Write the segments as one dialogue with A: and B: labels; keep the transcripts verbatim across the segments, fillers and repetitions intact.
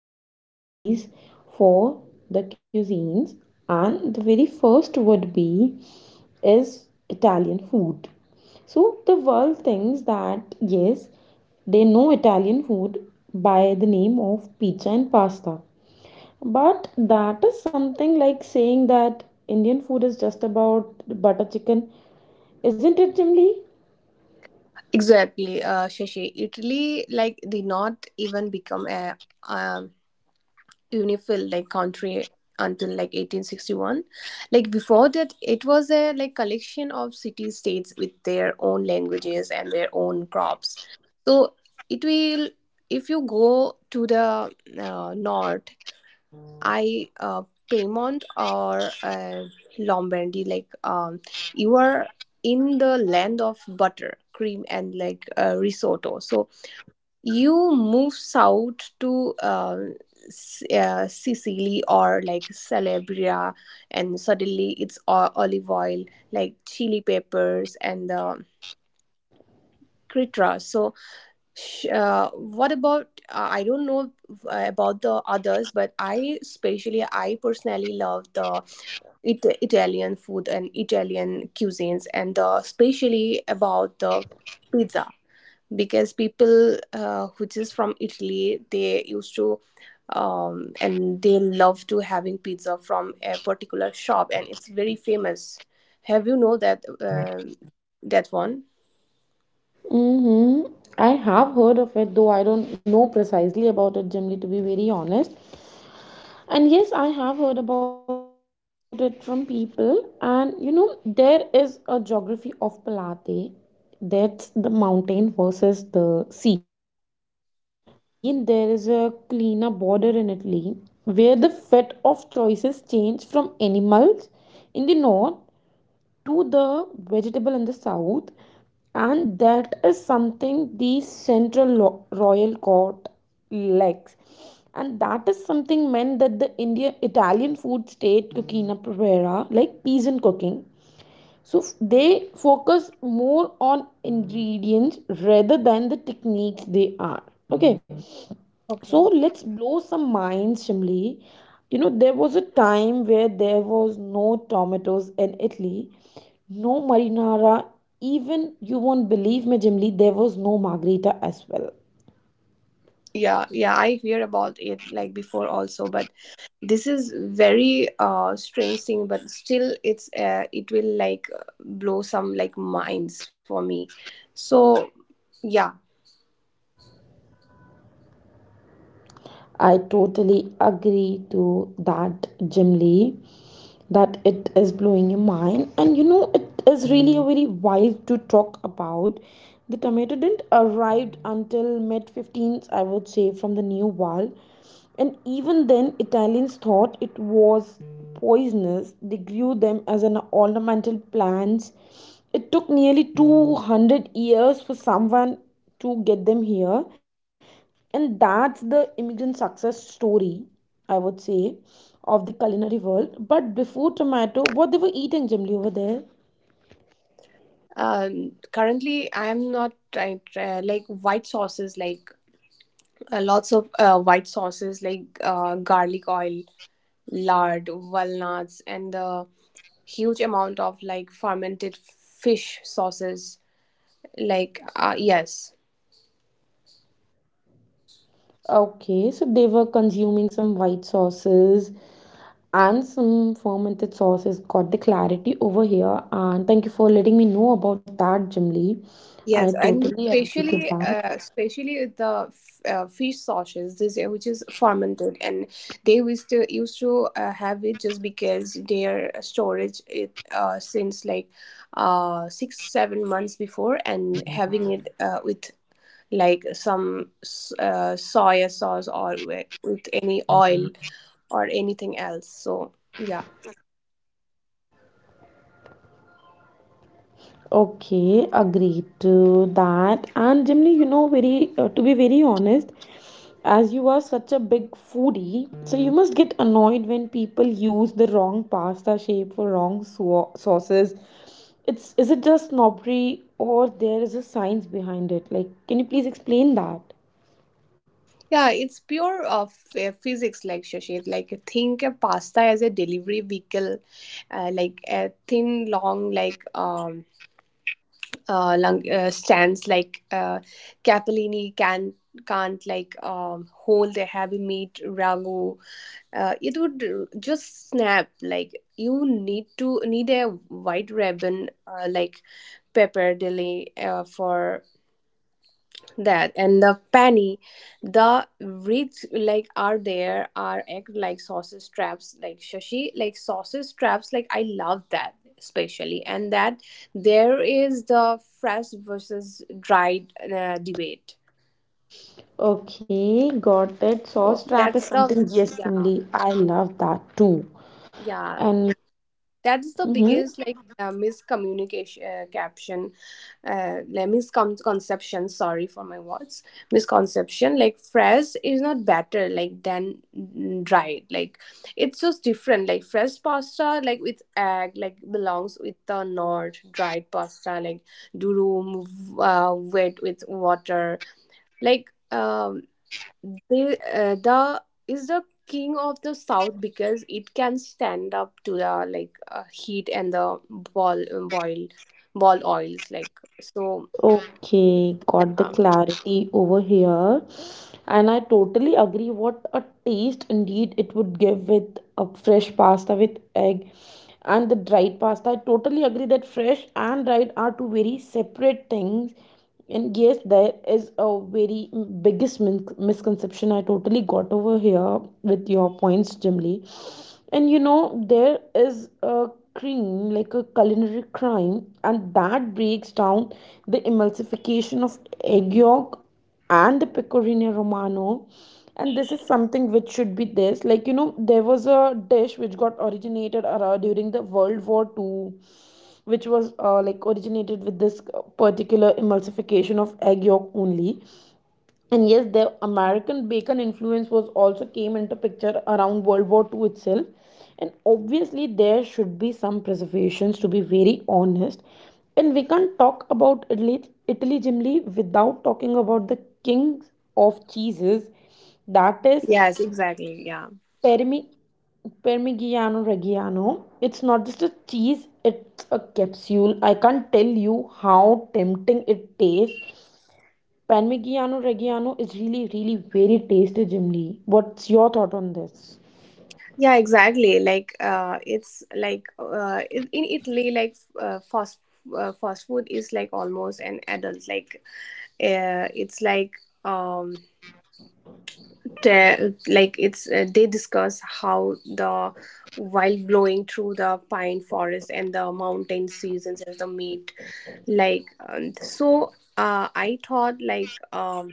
A: very new series for the cuisines, and the very first would be is Italian food. So the world thinks that, yes, they know Italian food by the name of pizza and pasta. But that is something like saying that Indian food is just about butter chicken, isn't it, Jimly?
B: Exactly, uh, Shashi. Italy, like, did not even become a um, unifil like country until like eighteen sixty-one. Like before that, it was a like collection of city states with their own languages and their own crops. So it will, if you go to the uh, north, I uh, Piemont or uh, Lombardy, like um, you are in the land of butter, cream, and like uh, risotto. So you move south to uh, S- uh, Sicily or like Calabria, and suddenly it's all olive oil, like chili peppers, and the critra. So sh- uh, what about uh, I don't know uh, about the others but i especially i personally love the it, Italian food and Italian cuisines, and uh, especially about the pizza because people uh, which is from Italy they used to um, and they love to having pizza from a particular shop and it's very famous. Have you know that um that one?
A: Mm-hmm. I have heard of it, though I don't know precisely about it, Jimly, to be very honest. And yes, I have heard about it from people. And you know, there is a geography of Pilate, that's the mountain versus the sea. So, you know, in Italy, there is a cleaner border in Italy where the fat of choices change from animals in the north to the vegetable in the south, and that is something the central royal court lacks, and that is something meant that the Indian Italian food state cucina provera, like peasant cooking. So they focus more on ingredients rather than the techniques. They are okay. Mm-hmm. So
B: Okay.
A: let's blow some minds, Shimli. You know, there was a time where there was no tomatoes in Italy, no marinara, even you won't believe me, Jimli, there was no margherita as well.
B: yeah yeah i hear about it like before also but this is very uh strange thing but still it's uh, it will like blow some like minds for me so yeah.
A: I totally agree to that, Jimli, that it is blowing your mind. And you know, it is really a very wild to talk about. The tomato didn't arrive until mid fifteenth, I would say, from the New World, and even then Italians thought it was poisonous. They grew them as an ornamental plants. It took nearly two hundred years for someone to get them here, and that's the immigrant success story, I would say, of the culinary world. But before tomato, what they were eating generally over there?
B: Um currently I am not trying try, like white sauces like uh, lots of uh, white sauces like uh, garlic oil lard walnuts and the huge amount of like fermented fish sauces like uh, yes.
A: Okay, so they were consuming some white sauces and some fermented sauces. Got the clarity over here, and thank you for letting me know about that, Jimly. I
B: Yes, and
A: totally agree to
B: especially
A: that.
B: uh, especially the f- uh, fish sauces, this uh, which is fermented, and they used to used to uh, have it just because their storage it uh, since like uh, six seven months before, and having it uh, with like some s- uh, soya sauce or with, with any oil or anything else. So yeah.
A: Okay, agreed to that. And generally, you know, very uh, to be very honest, as you are such a big foodie, so you must get annoyed when people use the wrong pasta shape for wrong sau- sauces. It's Is it just snobbery, or there is a science behind it? Like, can you please explain that?
B: Yeah, it's pure of uh, physics, like Shashid. Like think of pasta as a delivery vehicle, uh, like a thin, long, like um, uh, long, uh, stands. Like uh, capellini can can't like um, hold a heavy meat ragu. Uh, it would uh, just snap. Like you need to need a white ribbon, uh, like pepper deli uh, for that and the penny the wreaths like are there are act like sausage traps like shashi like sausage traps like I love that especially. And that there is the fresh versus dried uh, debate.
A: Okay, got it.
B: So
A: Sauce trap is
B: that's the,
A: something, yes,
B: yeah,
A: Simli. I love that too.
B: yeah,
A: And
B: that's the
A: mhm.
B: biggest like uh, miscommunication uh, caption uh, like, misconception, sorry for my words. Misconception, like fresh is not better like than mm, dried, like it's just different. Like fresh pasta like with egg like belongs with the north. Dried pasta like durum, uh, wet with water, like um the, uh, the is the king of the south because it can stand up to the like uh, heat and the ball boil ball oils like. So
A: Okay, got the
B: yeah.
A: clarity over here. And I totally agree what a taste indeed it would give with a fresh pasta with egg and the dried pasta. I totally agree that fresh and dried are two very separate things, and yes, there is a very biggest min- misconception I totally got over here with your points, Jimly. And you know, there is a cream, like a culinary crime, and that breaks down the emulsification of egg yolk and the pecorino romano, and this is something which should be there. Like, you know, there was a dish which got originated around during the World War Two, which was uh, like originated with this particular emulsification of egg yolk only. And yes, the American bacon influence was also came into picture around World War Two itself. And obviously there should be some preservations, to be very honest. And we can't talk about italy italy generally without talking about the king of cheeses, that is
B: Yes, exactly, yeah.
A: Parmi, Parmigiano Reggiano. It's not just a cheese, it's a capsule. I can't tell you how tempting it tastes. Parmigiano Reggiano is really, really very tasty, Jim Lee. What's your thought on this?
B: Yeah, exactly, like uh it's like uh in in Italy like uh, fast uh, fast food is like almost an adult like uh, it's like um te- like it's uh, they discuss how the while blowing through the pine forest and the mountain seasons as the meat like um, so uh, I thought like um,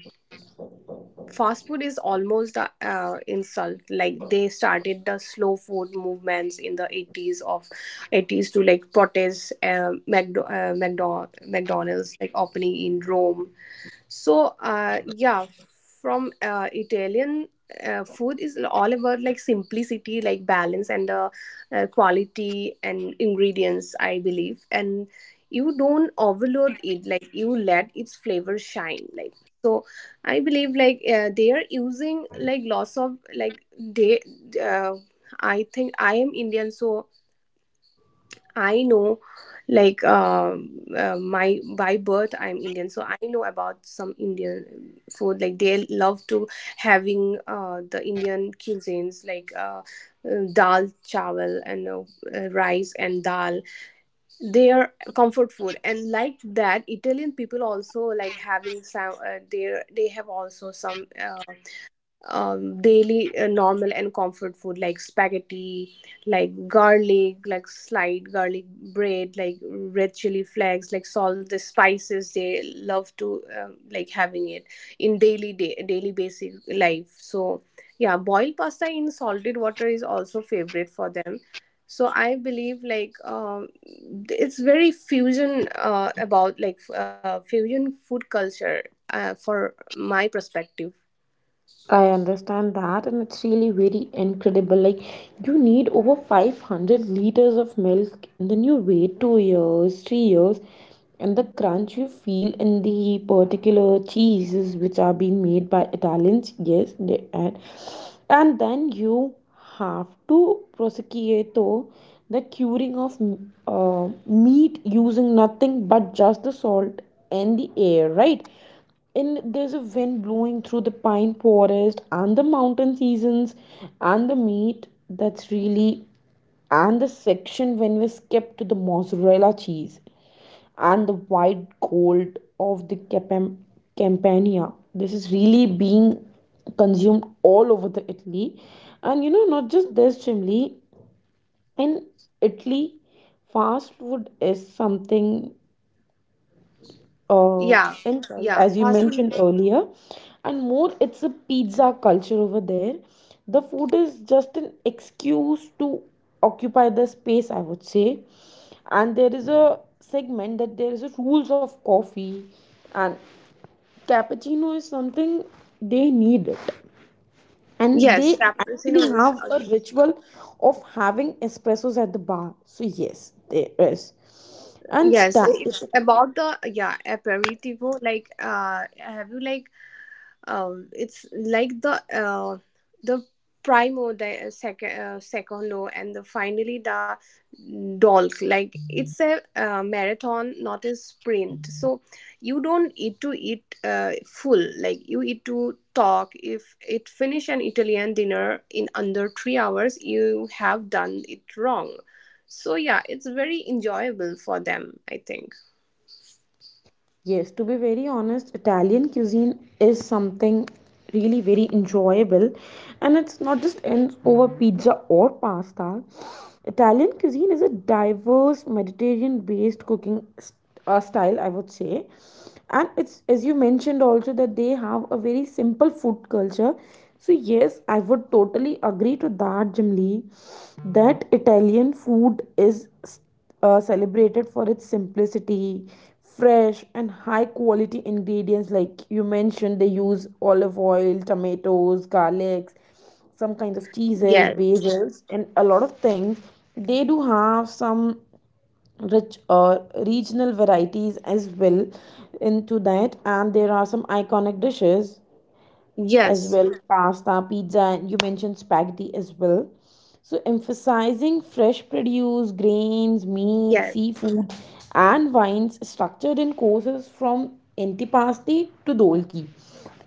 B: fast food is almost the uh, insult. Like they started the slow food movements in the eighties of eighties to like protest uh, McDo- uh, McDo- mcdonald's like opening in rome. So, uh, yeah, from uh, Italian uh, food is all about like simplicity, like balance and uh, uh, quality and ingredients, I believe. And you don't overload it, like you let its flavor shine. Like so, I believe like uh, they are using like lots of like they. Uh, I think I am Indian, so I know, like, um, uh, my by birth, I'm Indian, so I know about some Indian food. Like, they love to having uh, the Indian cuisines, like uh, uh, dal chawal and uh, uh, rice and dal. Their comfort food, and like that, Italian people also like having some. Uh, they they have also some. Uh, um, daily uh, normal and comfort food like spaghetti, like garlic, like sliced garlic bread, like red chili flakes, like salt, the spices they love to um, like having it in daily day, daily basic life. So yeah, boiled pasta in salted water is also favorite for them. So I believe like um, it's very fusion uh, about like uh, fusion food culture uh, for my perspective.
A: I understand that, and it's really very incredible. Like, you need over five hundred liters of milk, and then you wait two years, three years, and the crunch you feel in the particular cheeses which are being made by Italians, yes, they add. And then you have to prosecute the curing of uh, meat using nothing but just the salt and the air, right? And there's a wind blowing through the pine forest and the mountain seasons, and the meat, that's really, and the section when we skip to the mozzarella cheese and the white gold of the Capam- Campania. This is really being consumed all over the Italy, and you know, not just this, Chimli. In Italy, fast food is something uh,
B: Yeah,
A: insult,
B: yeah.
A: as you
B: Fast food
A: mentioned earlier. And more, it's a pizza culture over there. The food is just an excuse to occupy the space, I would say. And there is a segment that there is a rules of coffee, and cappuccino is something they need it. And
C: Yes,
A: they
C: cappuccino
A: actually
C: is
A: have
C: uh,
A: a ritual of having espressos at the bar. So, yes, there is. And
C: yes.
A: sta-
C: It's about the yeah aperitivo. Like, uh, have you like um, it's like the uh, the primo, the uh, second, uh, secondo, and the finally the dolk. Like it's a uh, marathon, not a sprint. So you don't eat to eat uh, full, like you eat to talk. If it finish an italian dinner in under three hours, you have done it wrong. So yeah, it's very enjoyable for them, I think.
A: Yes, to be very honest, Italian cuisine is something really very enjoyable, and it's not just ends over pizza or pasta. Italian cuisine is a diverse Mediterranean based cooking s- uh, style, I would say, and it's as you mentioned also that they have a very simple food culture. So yes, I would totally agree to that, jimli that Italian food is uh, celebrated for its simplicity, fresh and high quality ingredients. Like you mentioned, they use olive oil, tomatoes, garlics, some kinds of cheeses,
C: Yes.
A: basils, and a lot of things. They do have some rich uh, regional varieties as well into that, and there are some iconic dishes as
C: Yes.
A: well: pasta, pizza, and you mentioned spaghetti as well. So, emphasizing fresh produce, grains, meat,
C: Yes.
A: seafood, and wines structured in courses from antipasti to dolki.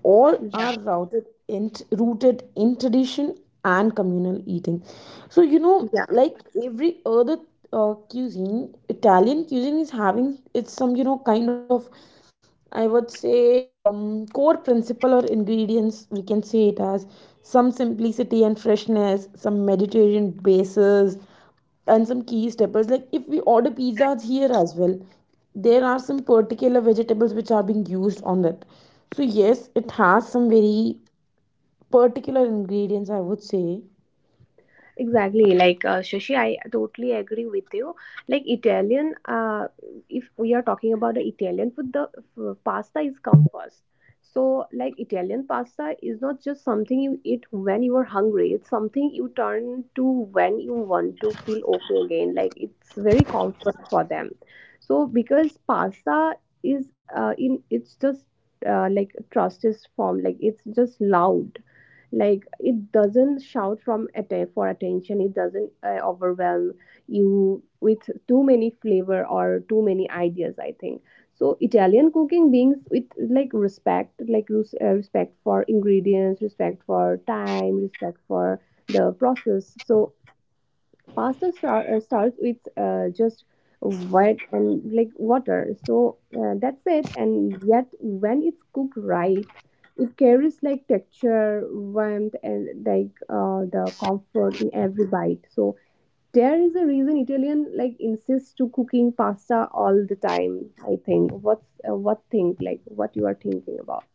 A: All
C: Yeah.
A: are routed in, rooted in tradition and communal eating. So, you know,
C: Yeah.
A: like every other uh, cuisine, Italian cuisine is having its some, you know, kind of, I would say, um, core principle or ingredients, we can say it as some simplicity and freshness, some Mediterranean bases, and some key steppers. Like if we order pizzas here as well, there are some particular vegetables which are being used on it. So yes, it has some very particular ingredients, I would say.
C: Exactly, like uh, Shashi, I totally agree with you. Like Italian, uh, if we are talking about the Italian food, the uh, pasta is come first. So, like Italian pasta is not just something you eat when you are hungry. It's something you turn to when you want to feel okay again. Like it's very comfort for them. So, because pasta is uh, in, it's just uh, like trust is form. Like it's just loud, like it doesn't shout from atta- for attention, it doesn't uh, overwhelm you with too many flavor or too many ideas, I think. So italian cooking beings with like respect, like res- uh, respect for ingredients, respect for time, respect for the process. So pasta star- uh, starts with uh, just white and like water, so uh, that's it. And yet when it's cooked right, it carries like texture, warmth, and like uh, the comfort in every bite. So there is a reason italian like insists to cooking pasta all the time, I think. What's uh, what think, like what you are thinking about?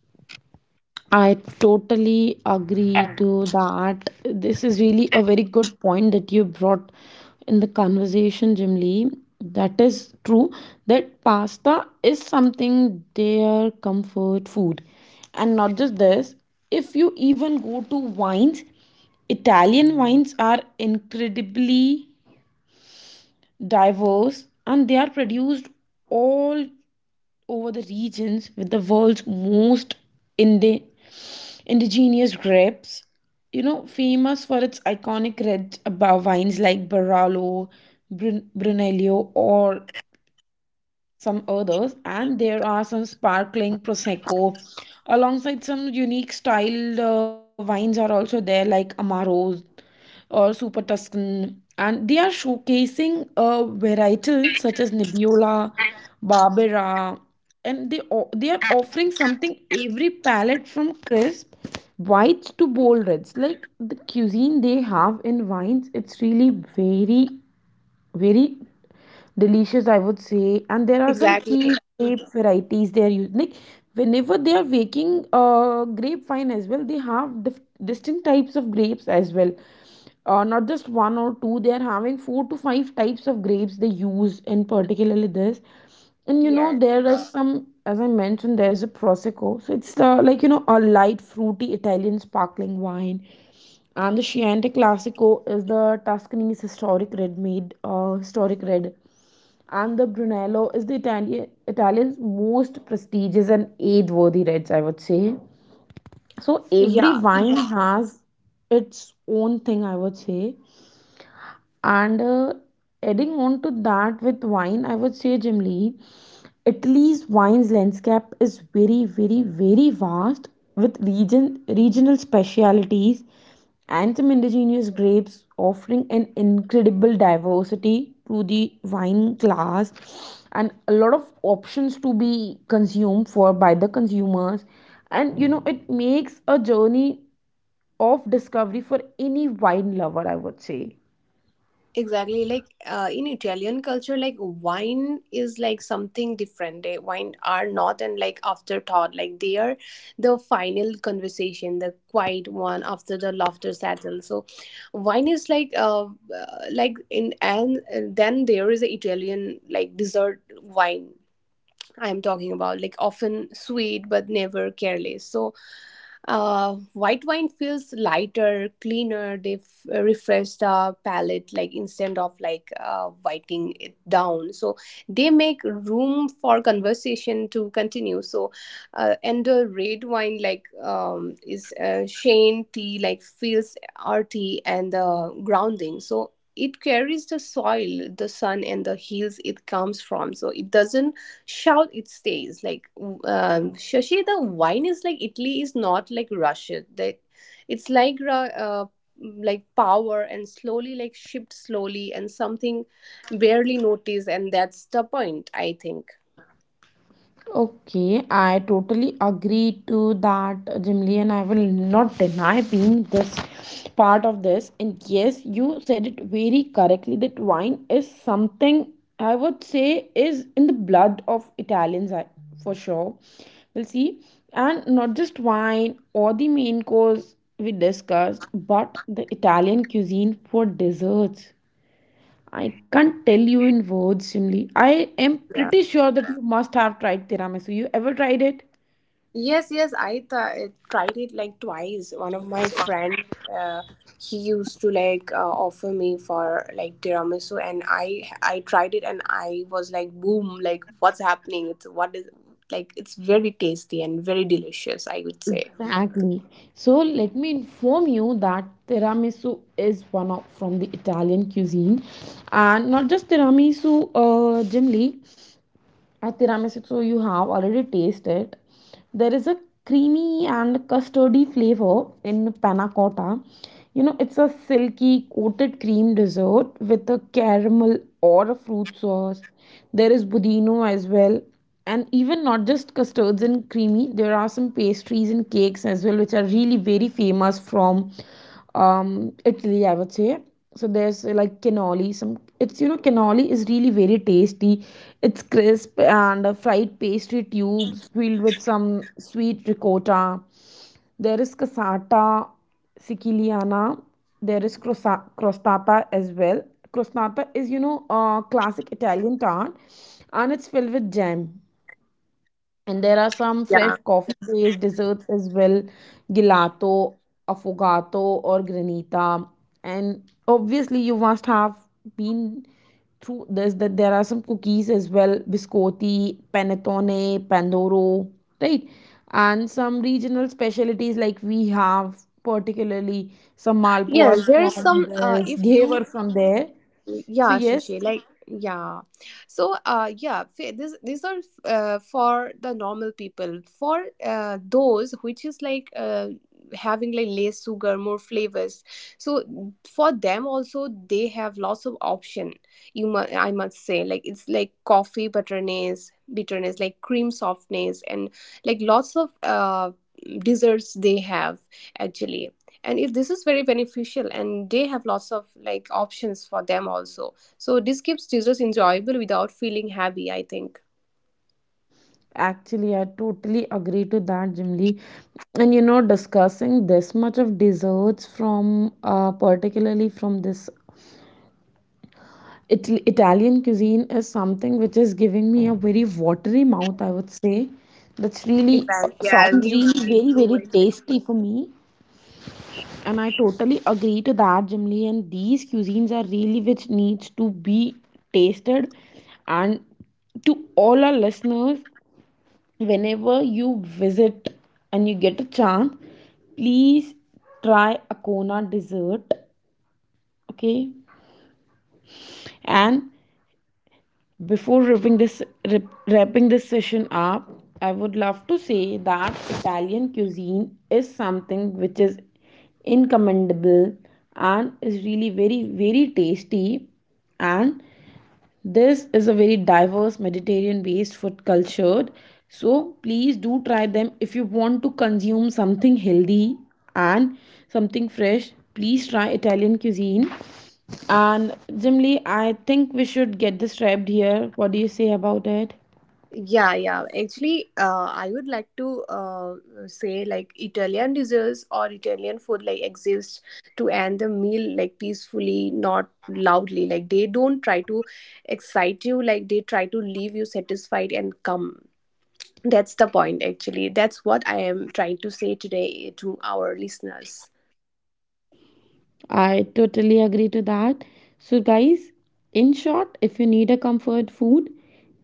A: I totally agree to that. This is really a very good point that you brought in the conversation, Jim Lee. That is true that pasta is something their comfort food. And not just this, if you even go to wines, Italian wines are incredibly diverse, and they are produced all over the regions with the world's most indi- indigenous grapes. You know, famous for its iconic red uh, wines like Barolo, Brun- Brunello, or some others, and there are some sparkling prosecco, alongside some unique styled uh, wines are also there, like Amaros or Super Tuscan, and they are showcasing a varietal such as Nebbiolo, Barbera, and they o- they are offering something every palate from crisp whites to bold reds. Like the cuisine they have in wines, it's really very very delicious, I would say. And there are some
C: Exactly.
A: key grape varieties they are using, like whenever they are making uh grapevine as well, they have dif- distinct types of grapes as well, uh, not just one or two. They are having four to five types of grapes they use in particularly this. And you know,
C: Yes.
A: there are some, as I mentioned, there is a prosecco. So it's uh, like, you know, a light fruity Italian sparkling wine. And the Chianti Classico is the Tuscany's historic red made uh, historic red. And the Brunello is the Italian Italian's most prestigious and age-worthy reds, I would say. So every wine has its own thing, I would say. And uh, adding on to that with wine, I would say, Jimli, Italy's wine's landscape is very, very, very vast with region regional specialities and some indigenous grapes offering an incredible diversity to the wine class and a lot of options to be consumed for by the consumers. And you know, it makes a journey of discovery for any wine lover, I would say.
C: Exactly, like uh, in Italian culture, like wine is like something different. They wine are not and like afterthought. Like they are the final conversation, the quiet one after the laughter settles. So, wine is like uh, uh, like in, and uh, then there is a Italian like dessert wine I'm talking about, like often sweet but never careless. So, uh, white wine feels lighter, cleaner. They f- uh, refresh the palate, like instead of like uh, whiting it down. So they make room for conversation to continue. So, uh, and the red wine like um, is uh, Shane tea, like feels earthy and uh, grounding. So. It carries the soil, the sun, and the hills it comes from. So it doesn't shout, it stays like um, shashi, the wine is like italy is not like russia. That it's like Ru- uh, like power, and slowly, like shipped slowly and something barely noticed, and that's the point, I think.
A: Okay, I totally agree to that, Jimli, and I will not deny being this part of this. And yes, you said it very correctly that wine is something I would say is in the blood of Italians, I- for sure. We'll see. And not just wine or the main course we discussed, but the Italian cuisine for desserts. I can't tell you in words, Shimli. I am pretty sure that you must have tried tiramisu. You ever tried it?
C: Yes, yes, I th- tried it like twice. One of my friend, uh, he used to like uh, offer me for like tiramisu, and I I tried it, and I was like, boom, like what's happening? It's what is like it's very tasty and very delicious, I would say.
A: Exactly. So let me inform you that tiramisu is one of from the Italian cuisine, and not just tiramisu, uh, Jimli. At tiramisu, so you have already tasted. There is a creamy and custardy flavor in panna cotta. You know, it's a silky coated cream dessert with a caramel or a fruit sauce. There is budino as well. And even not just custards and creamy, there are some pastries and cakes as well which are really very famous from um, Italy, I would say. So there's uh, like cannoli, some it's you know cannoli is really very tasty. It's crisp and uh, fried pastry tubes filled with some sweet ricotta. There is cassata siciliana. There is crossa- crostata as well. Crostata is, you know a uh, classic Italian tart, and it's filled with jam. And there are some fresh
C: Yeah.
A: coffee-based desserts as well: gelato, affogato, or granita. And obviously, you must have been through this, that there are some cookies as well: biscotti, panettone, pandoro, right? And some regional specialties like we have, particularly some malpuas
C: Yes, there
A: from
C: is some. Uh,
A: this,
C: if you
A: ghevar from there. So
C: yeah
A: yes.
C: shashi like yeah, so uh yeah fa- this these are uh, for the normal people, for uh, those which is like uh, having like less sugar, more flavors. So for them also they have lots of option. You mu- I must say, like it's like coffee bitterness, bitterness like cream softness, and like lots of uh desserts they have actually. And if this is very beneficial, and they have lots of like options for them also, so this keeps users enjoyable without feeling heavy, I think.
A: Actually, I totally agree to that, Jimly. And you know, discussing this much of desserts from, uh, particularly from this Ital- Italian cuisine is something which is giving me a very watery mouth, I would say. That's really uh,
C: Exactly. Yeah, me,
A: sounds really
C: me
A: very,
C: too.
A: very
C: Actually.
A: tasty for me. And I totally agree to that, Jimly. And these cuisines are really which needs to be tasted. And to all our listeners, whenever you visit and you get a chance, please try akona dessert, okay? And before wrapping this wrapping this session up, I would love to say that Italian cuisine is something which is incommendable and is really very very tasty. And this is a very diverse Mediterranean based food culture. So please do try them if you want to consume something healthy and something fresh. Please try Italian cuisine. And Jimly, I think we should get this wrapped here. What do you say about it?
C: Yeah, yeah, actually uh, I would like to uh, say like italian desserts or italian food like exists to end the meal like peacefully, not loudly. Like they don't try to excite you, like they try to leave you satisfied and calm. That's the point, actually. That's what I am trying to say today to our listeners.
A: I totally agree to that. So, guys, in short, if you need a comfort food,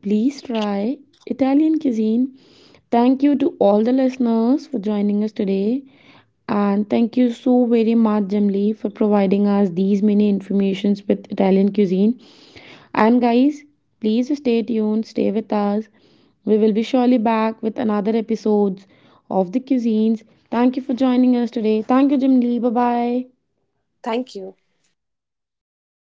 A: please try Italian cuisine. Thank you to all the listeners for joining us today. And thank you so very much, Jamli, for providing us these many informations with Italian cuisine. And guys, please stay tuned, stay with us. We will be surely back with another episodes of the cuisines. Thank you for joining us today. Thank you, Jamli. Bye bye.
C: Thank you.